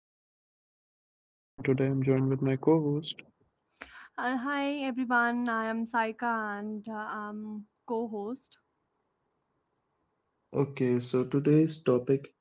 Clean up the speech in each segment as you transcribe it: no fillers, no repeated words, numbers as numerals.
podcast. I'm your host Perch and today I'm joined with my co-host. Hi everyone, I am Saika and I'm co host. Okay, so today's topic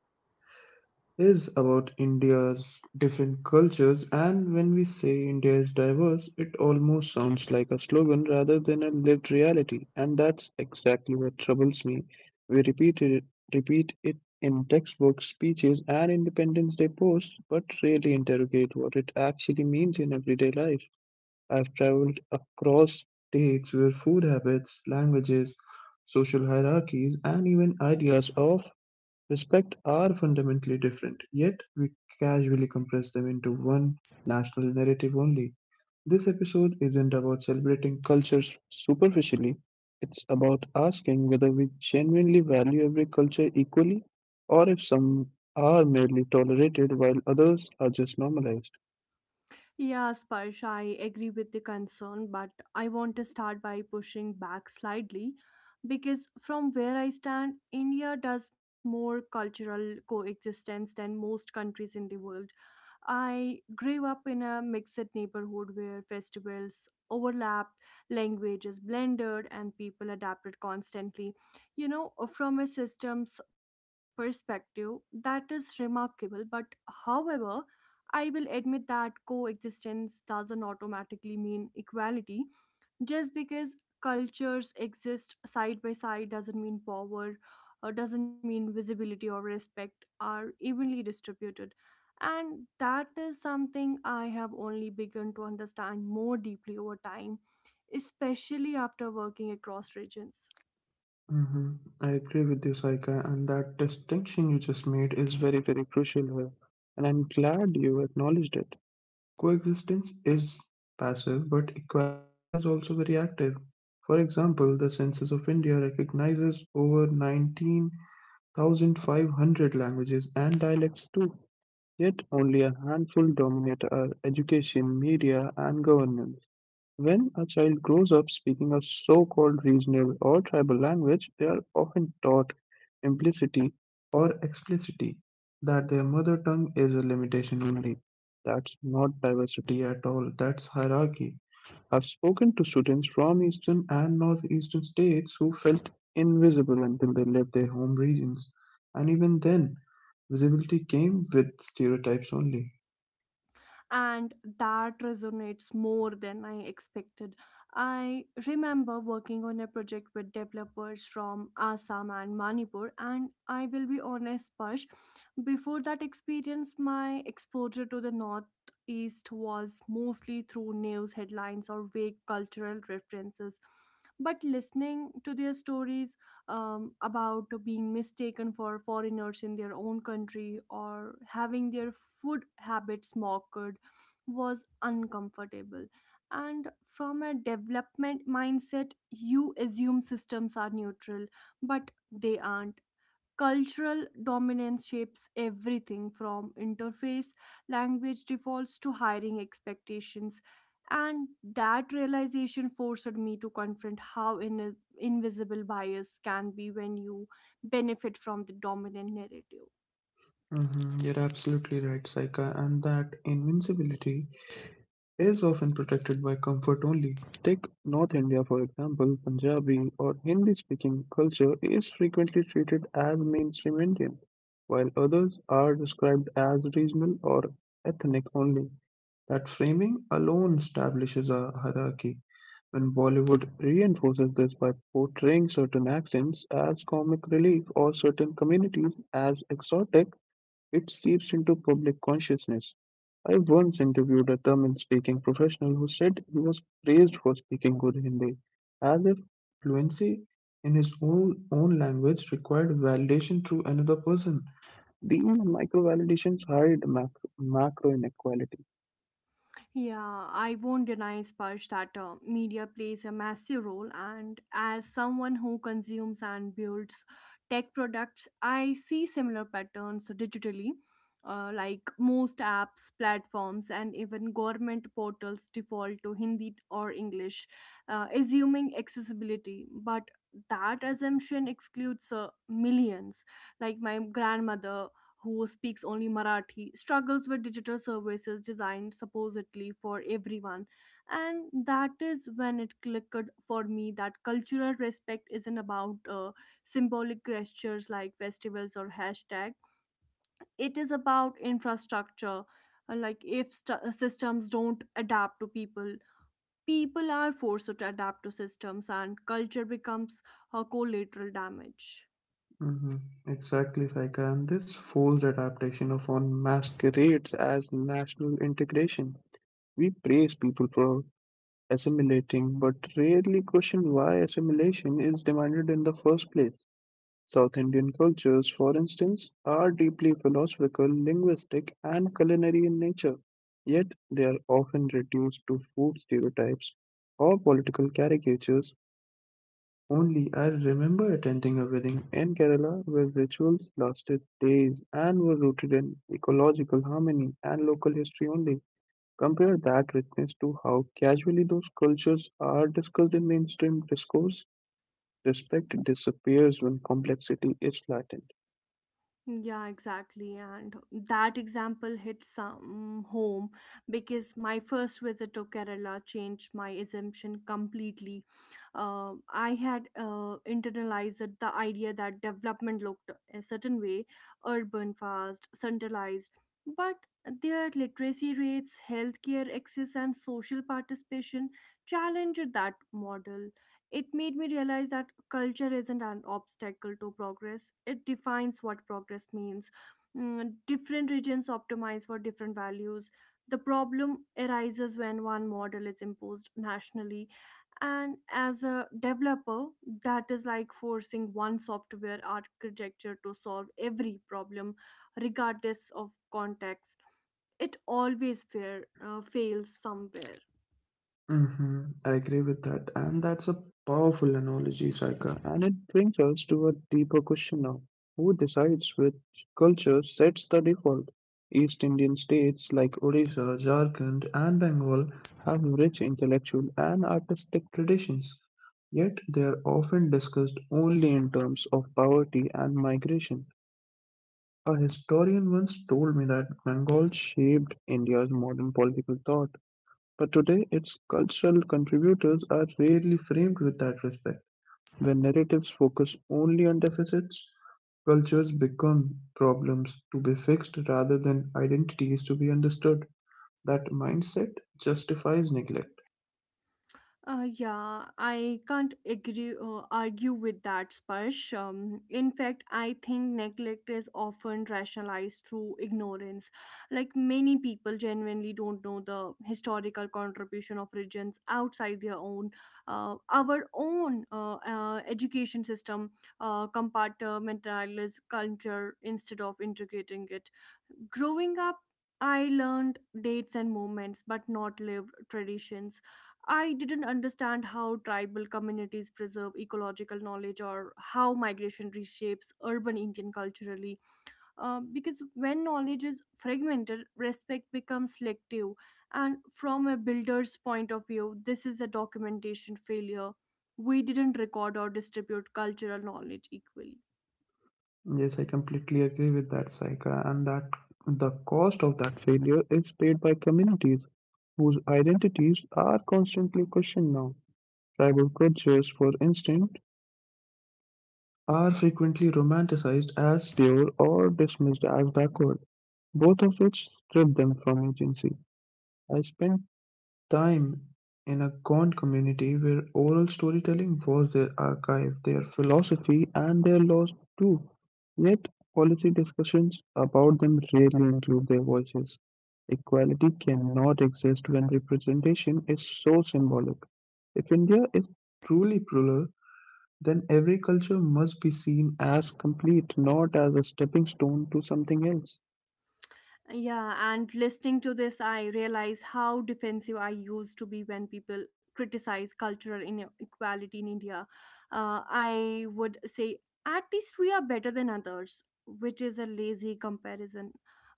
is about India's different cultures. And when we say India is diverse, it almost sounds like a slogan rather than a lived reality, and that's exactly what troubles me. We repeat it in textbooks, speeches and Independence Day posts, but rarely interrogate what it actually means in everyday life. I've traveled across states where food habits, languages, social hierarchies, and even ideas of respect are fundamentally different, yet we casually compress them into one national narrative only. This episode isn't about celebrating cultures superficially, it's about asking whether we genuinely value every culture equally or if some are merely tolerated while others are just normalized. Yeah, Sparsh, I agree with the concern, but I want to start by pushing back slightly because from where I stand, India does more cultural coexistence than most countries in the world. I grew up in a mixed neighborhood where festivals overlapped, languages blended, and people adapted constantly. You know, from a systems perspective, that is remarkable. But however, I will admit that coexistence doesn't automatically mean equality just because cultures exist side by side doesn't mean power or doesn't mean visibility or respect are evenly distributed, and that is something I have only begun to understand more deeply over time, especially after working across regions. Hmm. I agree with you, Saika, and that distinction you just made is very, very crucial here. And I'm glad you acknowledged it. Coexistence is passive, but equality is also very active. For example, the Census of India recognizes over 19,500 languages and dialects too, yet only a handful dominate our education, media, and governance. When a child grows up speaking a so-called regional or tribal language, they are often taught implicitly or explicitly that their mother tongue is a limitation only. That's not diversity at all, that's hierarchy. I've spoken to students from eastern and northeastern states who felt invisible until they left their home regions, and even then, visibility came with stereotypes only. And that resonates more than I expected. I remember working on a project with developers from Assam and Manipur, and I will be honest, Parsh, before that experience, my exposure to the Northeast was mostly through news headlines or vague cultural references. But listening to their stories about being mistaken for foreigners in their own country or having their food habits mocked was uncomfortable. And from a development mindset, you assume systems are neutral, but they aren't. Cultural dominance shapes everything from interface, language defaults to hiring expectations. And that realization forced me to confront how invisible bias can be when you benefit from the dominant narrative. Mhm, you're absolutely right, Saika, and that invincibility is often protected by comfort only. Take North India, for example. Punjabi or Hindi speaking culture is frequently treated as mainstream Indian, while others are described as regional or ethnic only. That framing alone establishes a hierarchy. When Bollywood reinforces this by portraying certain accents as comic relief or certain communities as exotic, it seeps into public consciousness. I once interviewed a Tamil speaking professional who said he was praised for speaking good Hindi, as if fluency in his own language required validation through another person. These micro validations hide macro inequality. Yeah, I won't deny, Sparsh, that media plays a massive role. And as someone who consumes and builds tech products, I see similar patterns digitally. Like most apps, platforms, and even government portals default to Hindi or English, assuming accessibility. But that assumption excludes millions. Like my grandmother, who speaks only Marathi, struggles with digital services designed supposedly for everyone. And that is when it clicked for me that cultural respect isn't about symbolic gestures like festivals or hashtag. It is about infrastructure. Like if systems don't adapt to people, people are forced to adapt to systems, and culture becomes a collateral damage. Hmm. Exactly, Saika. And this forced adaptation often masquerades as national integration. We praise people for assimilating, but rarely question why assimilation is demanded in the first place. South Indian cultures, for instance, are deeply philosophical, linguistic, and culinary in nature, yet they are often reduced to food stereotypes or political caricatures. Only I remember attending a wedding in Kerala where rituals lasted days and were rooted in ecological harmony and local history only. Compare that richness to how casually those cultures are discussed in mainstream discourse. Respect disappears when complexity is flattened. Yeah, exactly. And that example hit some home because my first visit to Kerala changed my assumption completely. I had internalized the idea that development looked a certain way: urban, fast, centralized. But their literacy rates, healthcare access, and social participation challenged that model. It made me realize that culture isn't an obstacle to progress, it defines what progress means. Mm, different regions optimize for different values. The problem arises when one model is imposed nationally. And as a developer, that is like forcing one software architecture to solve every problem, regardless of context. It always fails somewhere. Hmm. I agree with that. And that's a powerful analogy, Saika. And it brings us to a deeper question now. Who decides which culture sets the default? East Indian states like Odisha, Jharkhand, and Bengal have rich intellectual and artistic traditions, yet they are often discussed only in terms of poverty and migration. A historian once told me that Bengal shaped India's modern political thought, but today, its cultural contributors are rarely framed with that respect. When narratives focus only on deficits, cultures become problems to be fixed rather than identities to be understood. That mindset justifies neglect. Yeah, I can't agree argue with that, Sparsh. In fact, I think neglect is often rationalized through ignorance. Like many people genuinely don't know the historical contribution of regions outside their own, our own education system compartmentalized culture instead of integrating it. Growing up, I learned dates and moments, but not lived traditions. I didn't understand how tribal communities preserve ecological knowledge or how migration reshapes urban Indian culturally. Because when knowledge is fragmented, respect becomes selective. And from a builder's point of view, this is a documentation failure. We didn't record or distribute cultural knowledge equally. Yes, I completely agree with that, Saika, and that the cost of that failure is paid by communities whose identities are constantly questioned now. Tribal cultures, for instance, are frequently romanticized as pure or dismissed as backward, both of which strip them from agency. I spent time in a gone community where oral storytelling was their archive, their philosophy, and their laws too. Yet, policy discussions about them rarely include their voices. Equality cannot exist when representation is so symbolic. If India is truly plural, then every culture must be seen as complete, not as a stepping stone to something else. Yeah, and listening to this, I realize how defensive I used to be when people criticize cultural inequality in India. I would say, at least we are better than others, which is a lazy comparison.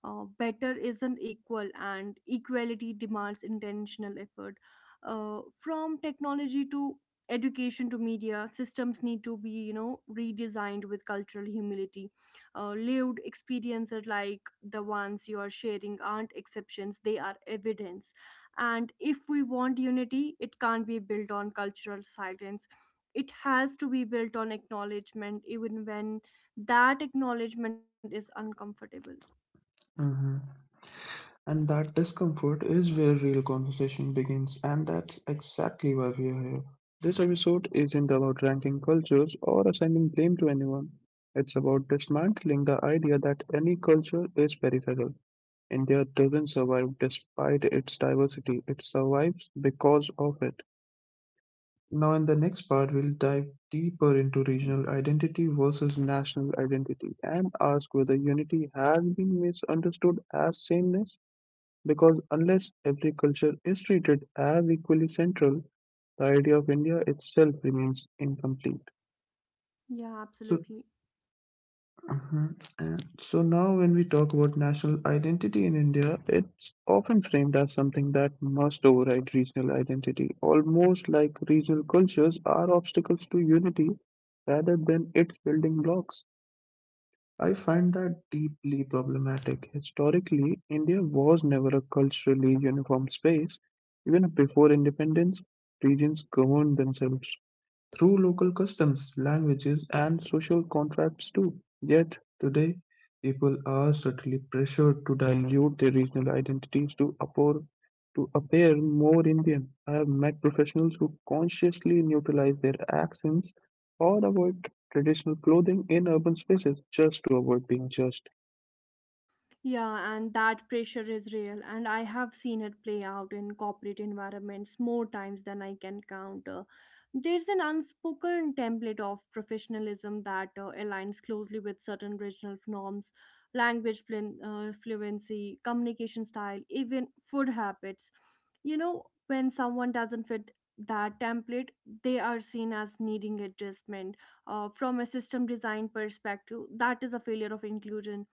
Better isn't equal, and equality demands intentional effort. From technology to education to media, systems need to be, you know, redesigned with cultural humility. Lived experiences like the ones you are sharing aren't exceptions, they are evidence, and if we want unity, it can't be built on cultural silence. It has to be built on acknowledgement, even when that acknowledgement is uncomfortable. Hmm. And that discomfort is where real conversation begins, and that's exactly why we are here. This episode isn't about ranking cultures or assigning blame to anyone. It's about dismantling the idea that any culture is peripheral. India doesn't survive despite its diversity, it survives because of it. Now, in the next part, we'll dive deeper into regional identity versus national identity and ask whether unity has been misunderstood as sameness. Because unless every culture is treated as equally central, the idea of India itself remains incomplete. Yeah, So, absolutely. mhm. And so now, when we talk about national identity in India, it's often framed as something that must override regional identity, almost like regional cultures are obstacles to unity rather than its building blocks. I find that deeply problematic. Historically, India was never a culturally uniform space. Even before independence, regions governed themselves through local customs, languages, and social contracts too. Yet today, people are subtly pressured to dilute their regional identities to appear more Indian. I have met professionals who consciously neutralize their accents or avoid traditional clothing in urban spaces just to avoid being judged. Yeah, and that pressure is real, and I have seen it play out in corporate environments more times than I can count. There's an unspoken template of professionalism that aligns closely with certain regional norms, language fluency, communication style, even food habits. You know, when someone doesn't fit that template, they are seen as needing adjustment. From a system design perspective, that is a failure of inclusion.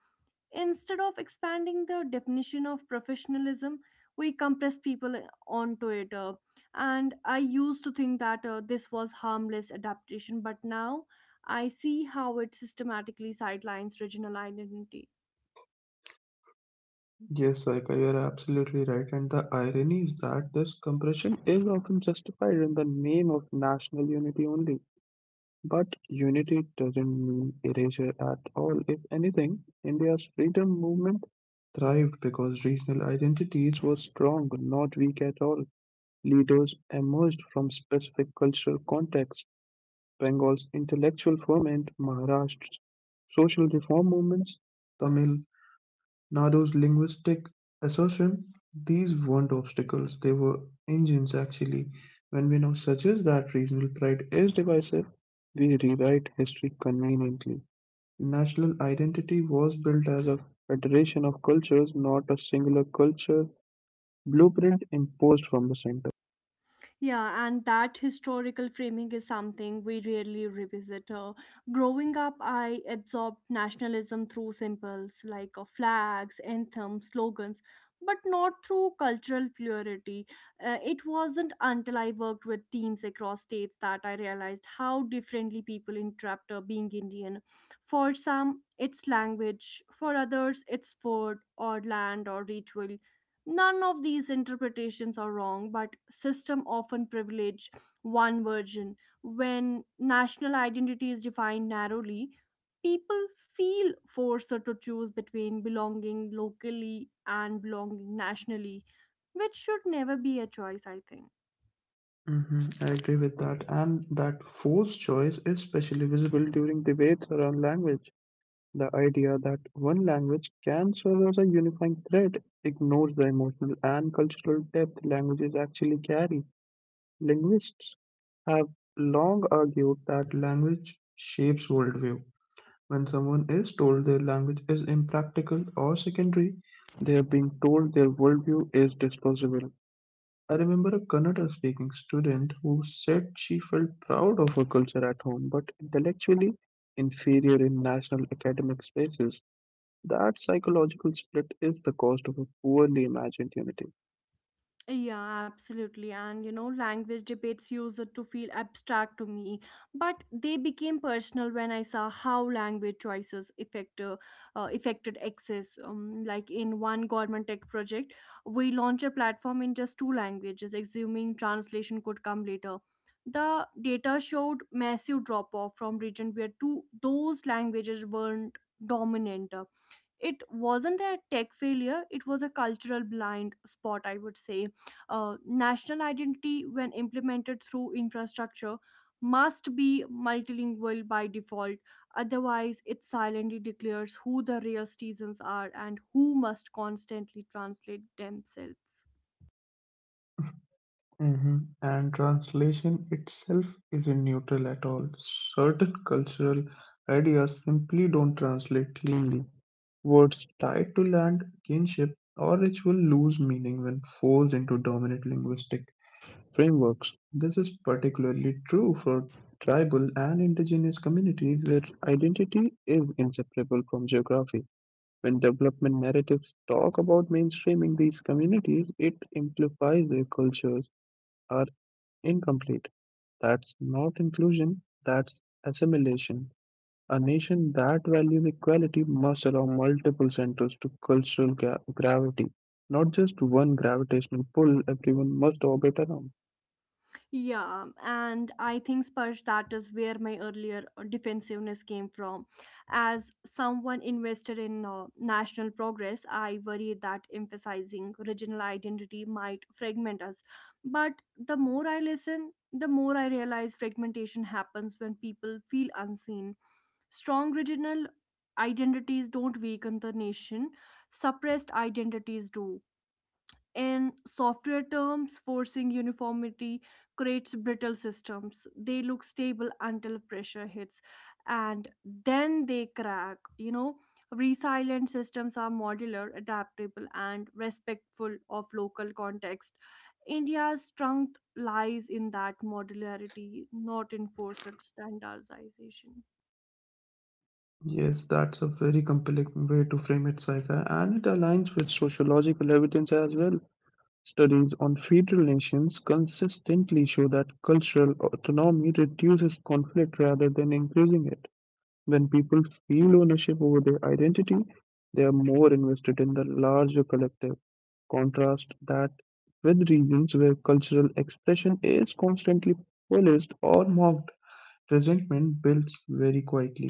Instead of expanding the definition of professionalism, we compress people onto it. And I used to think that this was harmless adaptation, but now I see how it systematically sidelines regional identity. Yes, Saika, you're absolutely right. And the irony is that this compression is often justified in the name of national unity only. But unity doesn't mean erasure at all. If anything, India's freedom movement thrived because regional identities were strong, not weak at all. Leaders emerged from specific cultural contexts. Bengal's intellectual ferment, Maharashtra's social reform movements, Tamil Nado's linguistic assertion. These weren't obstacles, they were engines actually. When we now suggest that regional pride is divisive, we rewrite history conveniently. National identity was built as a federation of cultures, not a singular culture blueprint imposed from the center. Yeah, and that historical framing is something we rarely revisit. Growing up, I absorbed nationalism through symbols like flags, anthems, slogans, but not through cultural purity. It wasn't until I worked with teams across states that I realized how differently people interpret being Indian. For some, it's language, for others, it's food or land or ritual. None of these interpretations are wrong, but system often privilege one version. When national identity is defined narrowly, people feel forced to choose between belonging locally and belonging nationally, which should never be a choice, I think. Hmm. I agree with that, and that forced choice is especially visible during debates around language. The idea that one language can serve as a unifying thread ignores the emotional and cultural depth languages actually carry. Linguists have long argued that language shapes worldview. When someone is told their language is impractical or secondary, they are being told their worldview is disposable. I remember a Kannada speaking student who said she felt proud of her culture at home but intellectually inferior in national academic spaces. That psychological split is the cost of a poorly imagined unity. Yeah, absolutely. And you know, language debates used to feel abstract to me, but they became personal when I saw how language choices affected access. Like in one government tech project, we launched a platform in just two languages, assuming translation could come later. The data showed massive drop off from region where two those languages weren't dominant. It wasn't a tech failure, it was a cultural blind spot, I would say. National identity, when implemented through infrastructure, must be multilingual by default, otherwise it silently declares who the real citizens are and who must constantly translate themselves. Mhm. And translation itself isn't neutral at all. Certain cultural ideas simply don't translate cleanly. Words tied to land, kinship, or ritual lose meaning when forced into dominant linguistic frameworks. This is particularly true for tribal and indigenous communities, where identity is inseparable from geography. When development narratives talk about mainstreaming these communities, it implies their cultures are incomplete. That's not inclusion, that's assimilation. A nation that values equality must allow multiple centers to cultural gravity, not just one gravitational pull everyone must orbit around. Yeah, and I think, Spurge, that is where my earlier defensiveness came from. As someone invested in national progress, I worried that emphasizing regional identity might fragment us. But the more I listen, the more I realize fragmentation happens when people feel unseen. Strong regional identities don't weaken the nation, suppressed identities do. In software terms, forcing uniformity creates brittle systems. They look stable until pressure hits and then they crack. You know, resilient systems are modular, adaptable, and respectful of local context. India's strength lies in that modularity, not in forced standardization. Yes, that's a very compelling way to frame it, Saika, and it aligns with sociological evidence as well. Studies on Federal nations consistently show that cultural autonomy reduces conflict rather than increasing it. When people feel ownership over their identity, they are more invested in the larger collective. Contrast that with regions where cultural expression is constantly policed or mocked, resentment builds very quietly.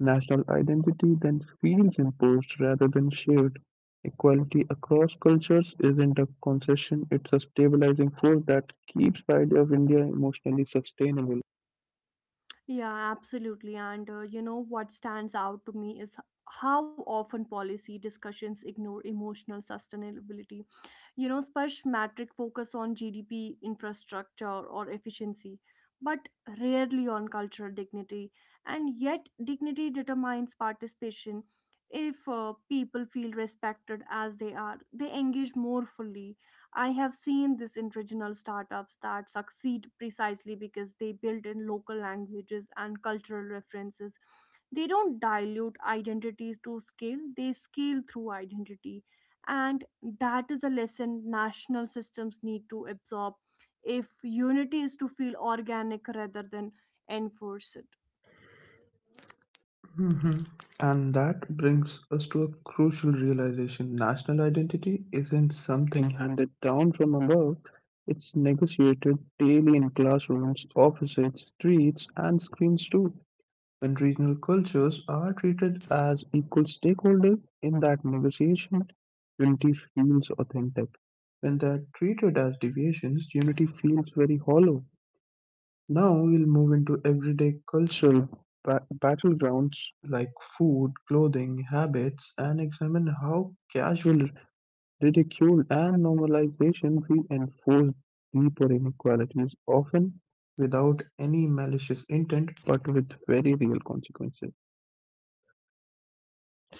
National identity then feels imposed rather than shared. Equality across cultures isn't a concession, it's a stabilizing force that keeps the idea of India emotionally sustainable. Yeah, absolutely. And you know what stands out to me is how often policy discussions ignore emotional sustainability. You know, Sparsh, metric focus on GDP, infrastructure or efficiency, but rarely on cultural dignity. And yet dignity determines participation. If people feel respected as they are, they engage more fully. I have seen this in regional startups that succeed precisely because they build in local languages and cultural references. They don't dilute identities to scale, they scale through identity. And that is a lesson national systems need to absorb if unity is to feel organic rather than enforced. Mhm. And that brings us to a crucial realization: national identity isn't something handed down from above, it's negotiated daily in classrooms, offices, streets, and screens too. And regional cultures are treated as equal stakeholders in that negotiation, unity feels authentic. When they are treated as deviations, unity feels very hollow. Now we'll move into everyday cultural battlegrounds like food, clothing, habits, and examine how casual ridicule and normalization reinforce deeper inequalities, often without any malicious intent but with very real consequences.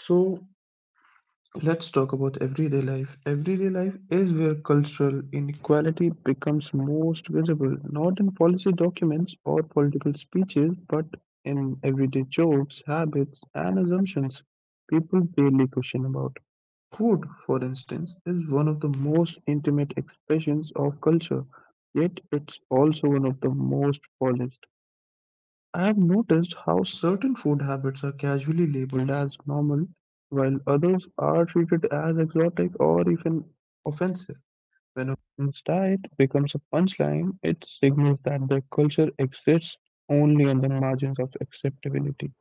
So let's talk about everyday life. Everyday life is where cultural inequality becomes most visible, not in policy documents or political speeches, but in everyday jokes, habits, and assumptions people barely question about. Food, for instance, is one of the most intimate expressions of culture, yet it's also one of the most polished. I've noticed how certain food habits are casually labeled as normal, while others are treated as exotic or even offensive. When a person's diet becomes a punchline, it signals that their culture exists only on the margins of acceptability.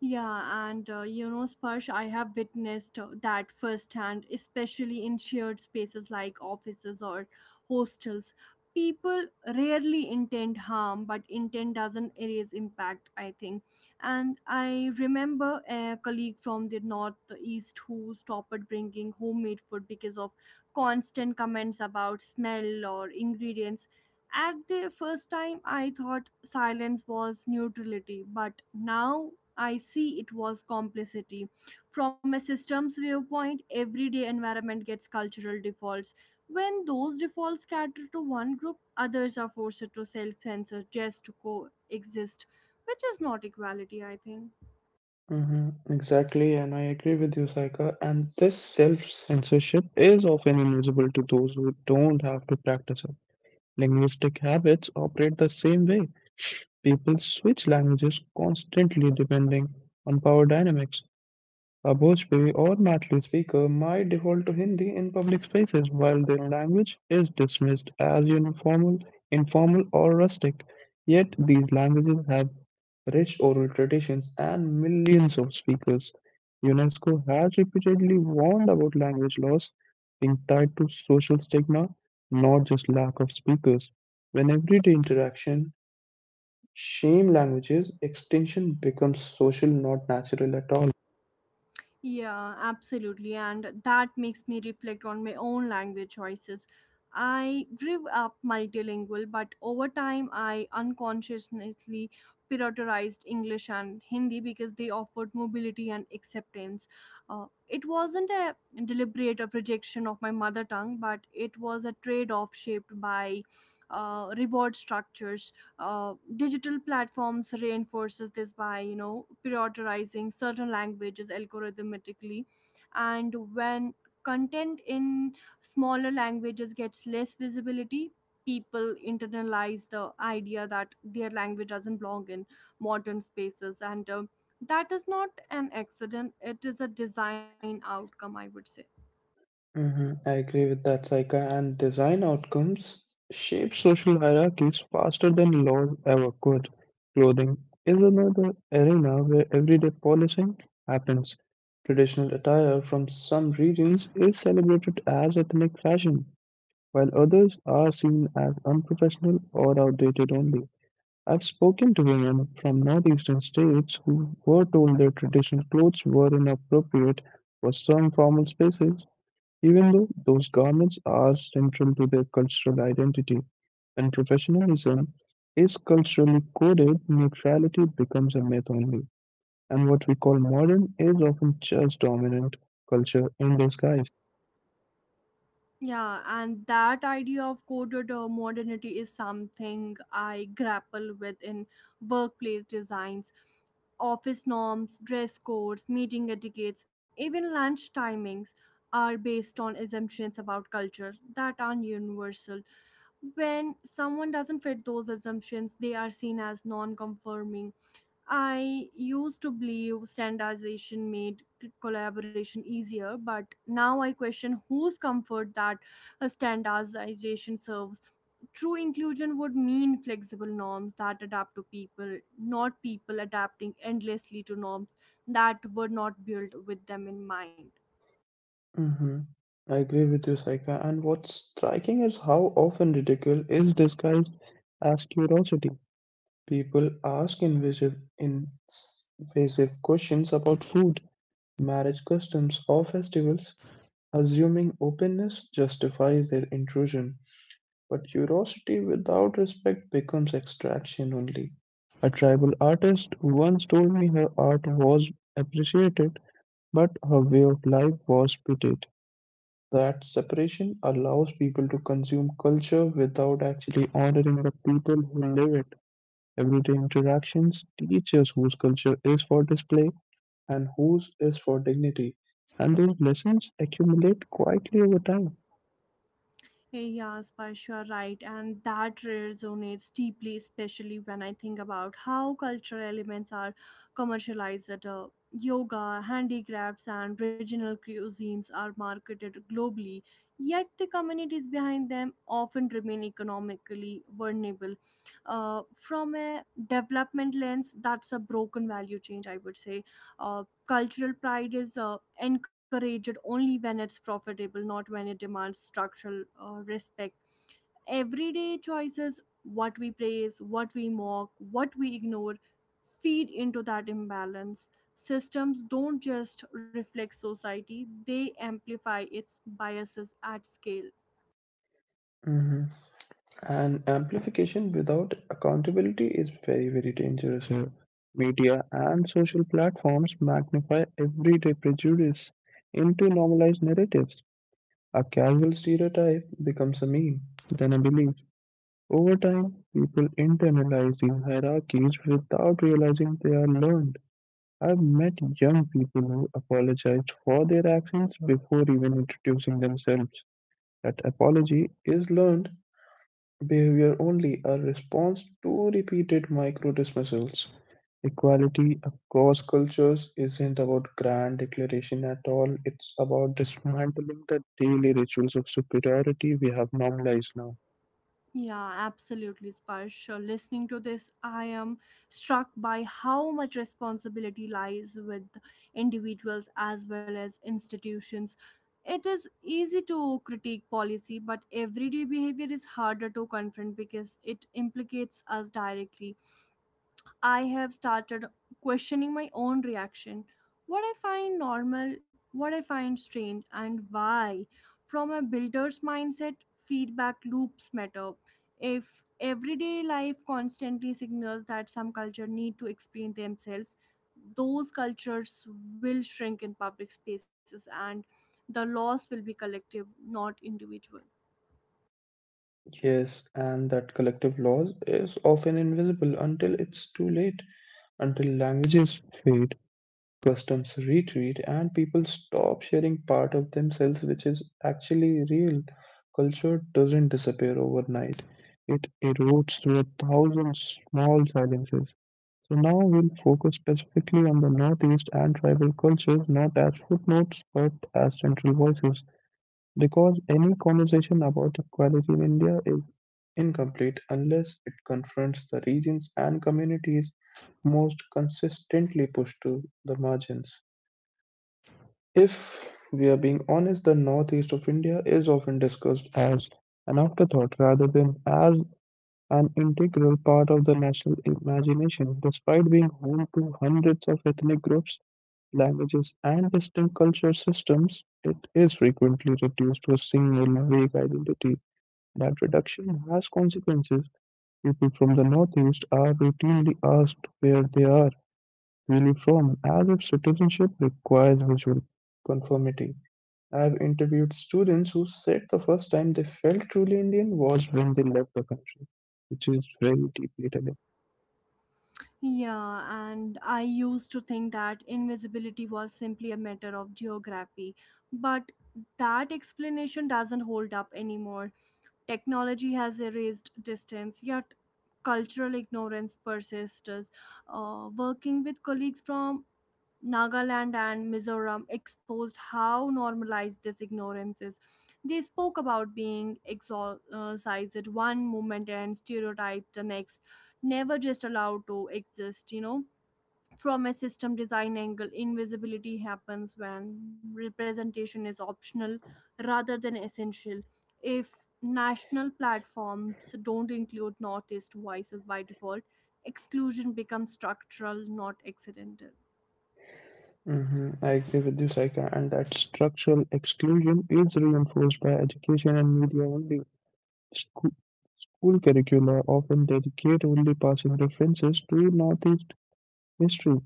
Yeah, and you know, Sparsh, I have witnessed that firsthand, especially in shared spaces like offices or hostels. People rarely intend harm, but intent doesn't erase impact, I think. And I remember a colleague from the northeast who stopped bringing homemade food because of constant comments about smell or ingredients. At the first time, I thought silence was neutrality, but now I see it was complicity. From a systems viewpoint, everyday environment gets cultural defaults. When those defaults cater to one group, others are forced to self censor just to coexist, which is not equality, I think. Hmm. Exactly, and I agree with you, Saika. And this self censorship is often invisible to those who don't have to practice it. Linguistic habits operate the same way. People switch languages constantly depending on power dynamics. A Bhojpuri or Marathi speaker might default to Hindi in public spaces while their language is dismissed as informal, or rustic. Yet these languages have rich oral traditions and millions of speakers. UNESCO has repeatedly warned about language loss being tied to social stigma, not just lack of speakers. When everyday interaction shame languages, extinction becomes social, not natural at all. Yeah, absolutely. And that makes me reflect on my own language choices. I grew up multilingual, but over time I unconsciously prioritized English and Hindi because they offered mobility and acceptance. It wasn't a deliberate of rejection of my mother tongue, but it was a trade off shaped by reward structures. Digital platforms reinforces this by, you know, prioritizing certain languages algorithmically, and when content in smaller languages gets less visibility, people internalize the idea that their language doesn't belong in modern spaces. And that is not an accident, it is a design outcome, I would say. Hmm. I agree with that, Saika. And design outcomes shape social hierarchies faster than laws ever could. Clothing is another arena where everyday policing happens. Traditional attire from some regions is celebrated as ethnic fashion, while others are seen as unprofessional or outdated only. I've spoken to women from northeastern states who were told their traditional clothes were inappropriate for some formal spaces, even though those garments are central to their cultural identity. When professionalism is culturally coded, neutrality becomes a myth only, and what we call modern is often just dominant culture in disguise. Yeah, and that idea of coded modernity is something I grapple with in workplace designs. Office norms, dress codes, meeting etiquettes, even lunch timings are based on assumptions about culture that aren't universal. When someone doesn't fit those assumptions, they are seen as non conforming. I used to believe standardization made collaboration easier, but now I question whose comfort that standardization serves. True inclusion would mean flexible norms that adapt to people, not people adapting endlessly to norms that were not built with them in mind. hmm I agree with you, Saika. And what's striking is how often ridicule is disguised as curiosity. People ask invasive questions about food, marriage customs, or festivals, assuming openness justifies their intrusion. But curiosity without respect becomes extraction only. A tribal artist once told me her art was appreciated, but her way of life was pitied. That separation allows people to consume culture without actually honoring the people who live it. Everyday interactions teach us whose culture is for display and whose is for dignity, and those lessons accumulate quietly over time. Yeah, Sparsh, you are right, and that resonates deeply, especially when I think about how cultural elements are commercialized. Yoga, handicrafts, and regional cuisines are marketed globally, yet the communities behind them often remain economically vulnerable. From a development lens, that's a broken value change, I would say. Uh, Cultural pride is encouraged only when it's profitable, not when it demands structural respect. Everyday choices, what we praise, what we mock, what we ignore, feed into that imbalance. Systems don't just reflect society, they amplify its biases at scale. Mhm. And amplification without accountability is very, very dangerous here. Media and social platforms magnify everyday prejudice into normalized narratives. A casual stereotype becomes a meme, then a belief. Over time, people internalize these hierarchies without realizing they are learned. I've met young people who apologized for their actions before even introducing themselves. That apology is learned behavior, only a response to repeated micro dismissals. Equality across cultures isn't about grand declaration at all. It's about dismantling the daily rituals of superiority we have normalized now. Yeah, absolutely, Sparsh. Listening to this, I am struck by how much responsibility lies with individuals as well as institutions. It is easy to critique policy, but everyday behavior is harder to confront because it implicates us directly. I have started questioning my own reaction. What I find normal, what I find strange, and why. From a builder's mindset, feedback loops matter. If everyday life constantly signals that some culture need to explain themselves, those cultures will shrink in public spaces and the loss will be collective, not individual. Yes, and that collective loss is often invisible until it's too late, until languages fade, customs retreat, and people stop sharing part of themselves, which is actually real. Culture doesn't disappear overnight. It erodes through a thousand small silences. So now we'll focus specifically on the Northeast and tribal cultures, not as footnotes but as central voices, because any conversation about equality in India is incomplete unless it confronts the regions and communities most consistently pushed to the margins. If we are being honest, the northeast of India is often discussed as an afterthought rather than as an integral part of the national imagination, despite being home to hundreds of ethnic groups, languages, and distinct culture systems. It is frequently reduced to a single vague identity. That reduction has consequences. People from the northeast are routinely asked where they are really from, as if citizenship requires visual conformity. I've interviewed students who said the first time they felt truly Indian was when they left the country, which is very deeply telling. Yeah, and I used to think that invisibility was simply a matter of geography, but that explanation doesn't hold up anymore. Technology has erased distance, yet cultural ignorance persists. Working with colleagues from Nagaland and Mizoram exposed how normalized this ignorance is. They spoke about being exorcised one moment and stereotyped the next, never just allowed to exist, you know. From a system design angle, invisibility happens when representation is optional rather than essential. If national platforms don't include Northeast voices by default, exclusion becomes structural, not accidental. I agree with you, Saika, and that structural exclusion is reinforced by education and media only. School, school curricula often dedicate only passing references to Northeast history,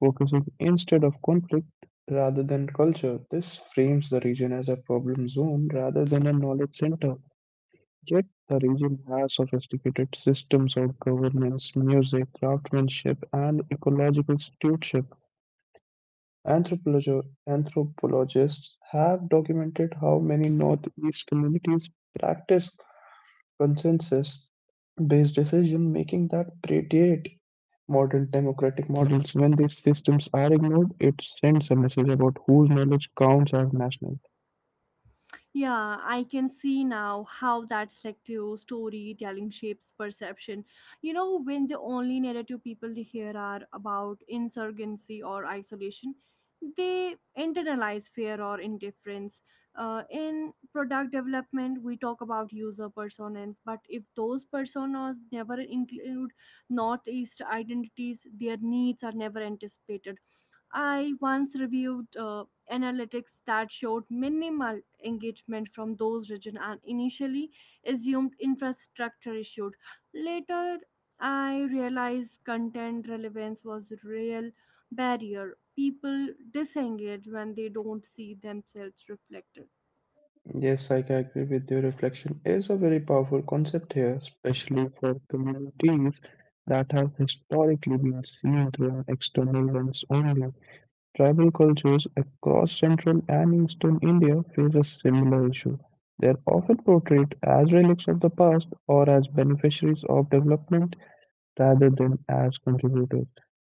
focusing instead of conflict rather than culture. This frames the region as a problem zone rather than a knowledge center. Yet the region has sophisticated systems of governance, music, craftsmanship, and ecological stewardship. Anthropologists have documented how many Northeast communities practice consensus based decision making that predate modern democratic models. When these systems are ignored, it sends a message about whose knowledge counts as national. Yeah, I can see now how that selective storytelling shapes perception. You know, when the only narrative people hear are about insurgency or isolation, they internalize fear or indifference. In product development, we talk about user personas, but if those personas never include Northeast identities, their needs are never anticipated. I once reviewed analytics that showed minimal engagement from those regions and initially assumed infrastructure issues. Later, I realized content relevance was a real barrier. People disengage when they don't see themselves reflected. Yes, I can agree with you. Reflection is a very powerful concept here, especially for communities that have historically been seen through an external lens only. Tribal cultures across Central and Eastern India face a similar issue. They are often portrayed as relics of the past or as beneficiaries of development rather than as contributors.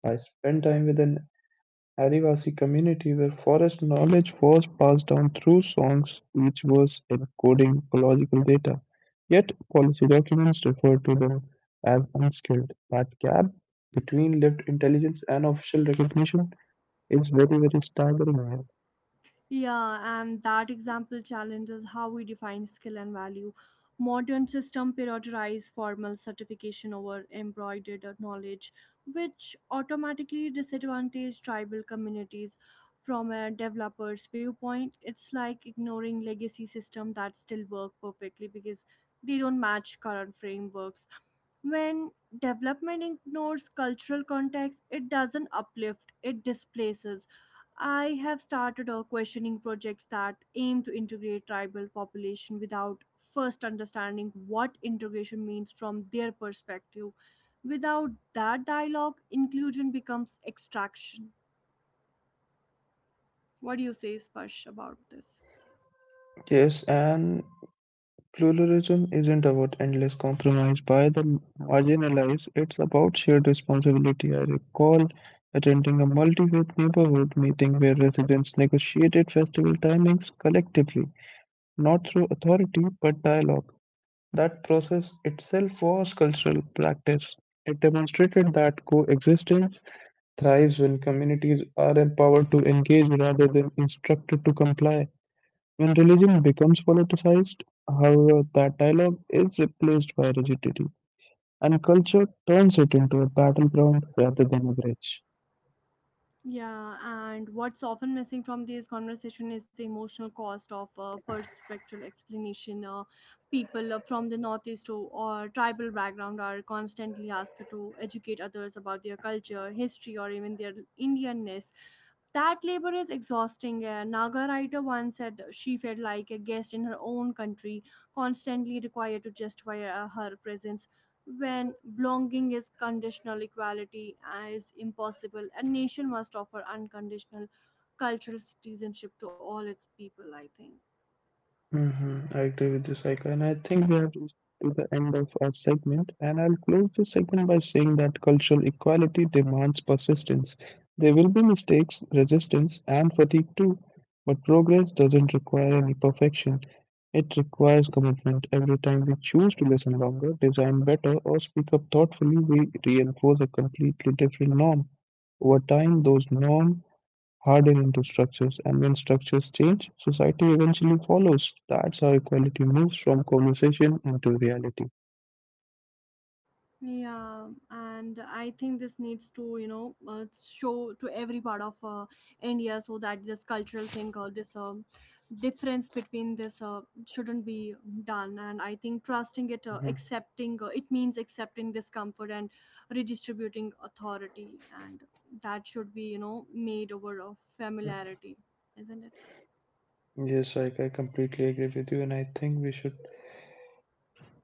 I spent time with an Adivasi community where forest knowledge was passed down through songs, which was encoding ecological data. Yet policy documents refer to them as unskilled. That gap between lived intelligence and official recognition is very, very staggering. Yeah, and that example challenges how we define skill and value. Modern system prioritize formal certification over embroidered knowledge, which automatically disadvantage tribal communities. From a developer's viewpoint, it's like ignoring legacy system that still work perfectly because they don't match current frameworks. When development ignores cultural context, it doesn't uplift, it displaces. I have started questioning projects that aim to integrate tribal population without first understanding what integration means from their perspective. Without that dialogue, inclusion becomes extraction. What do you say, Sparsh, about this? Yes, and pluralism isn't about endless compromise by the marginalized, it's about shared responsibility. I recall attending a multi faith neighborhood meeting where residents negotiated festival timings collectively, not through authority but dialogue. That process itself was cultural practice. It demonstrated that coexistence thrives when communities are empowered to engage rather than instructed to comply. When religion becomes politicized, however, that dialogue is replaced by rigidity, and culture turns it into a battleground rather than a bridge. Yeah, and what's often missing from these conversation is the emotional cost of perspectral explanation. People from the northeast or tribal background are constantly asked to educate others about their culture, history, or even their Indianness. That labor is exhausting. A Naga writer once said she felt like a guest in her own country, constantly required to justify her presence when belonging is conditional, equality is impossible. A nation must offer unconditional cultural citizenship to all its people, I think. I agree with you, Saika. And I think we have reached to the end of our segment. And I'll close this segment by saying that cultural equality demands persistence. There will be mistakes, resistance, and fatigue too. But progress doesn't require any perfection. It requires commitment. Every time we choose to listen longer, design better, or speak up thoughtfully, we reinforce a completely different norm. Over time, those norms harden into structures, and when structures change, society eventually follows. That's how equality moves from conversation into reality. Yeah, and I think this needs to, you know, show to every part of India so that this cultural thing or this difference between this shouldn't be done. And I think trusting it, Mhm. accepting it means accepting discomfort and redistributing authority, and that should be, you know, made over of Mm. familiarity, isn't it? Yes, I completely agree with you, and I think we should.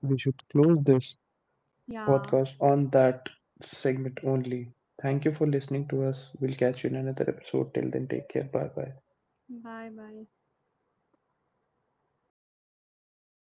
We should close this Yeah. podcast on that segment only. Thank you for listening to us. We'll catch you in another episode. Till then, take care. Bye bye. Bye bye.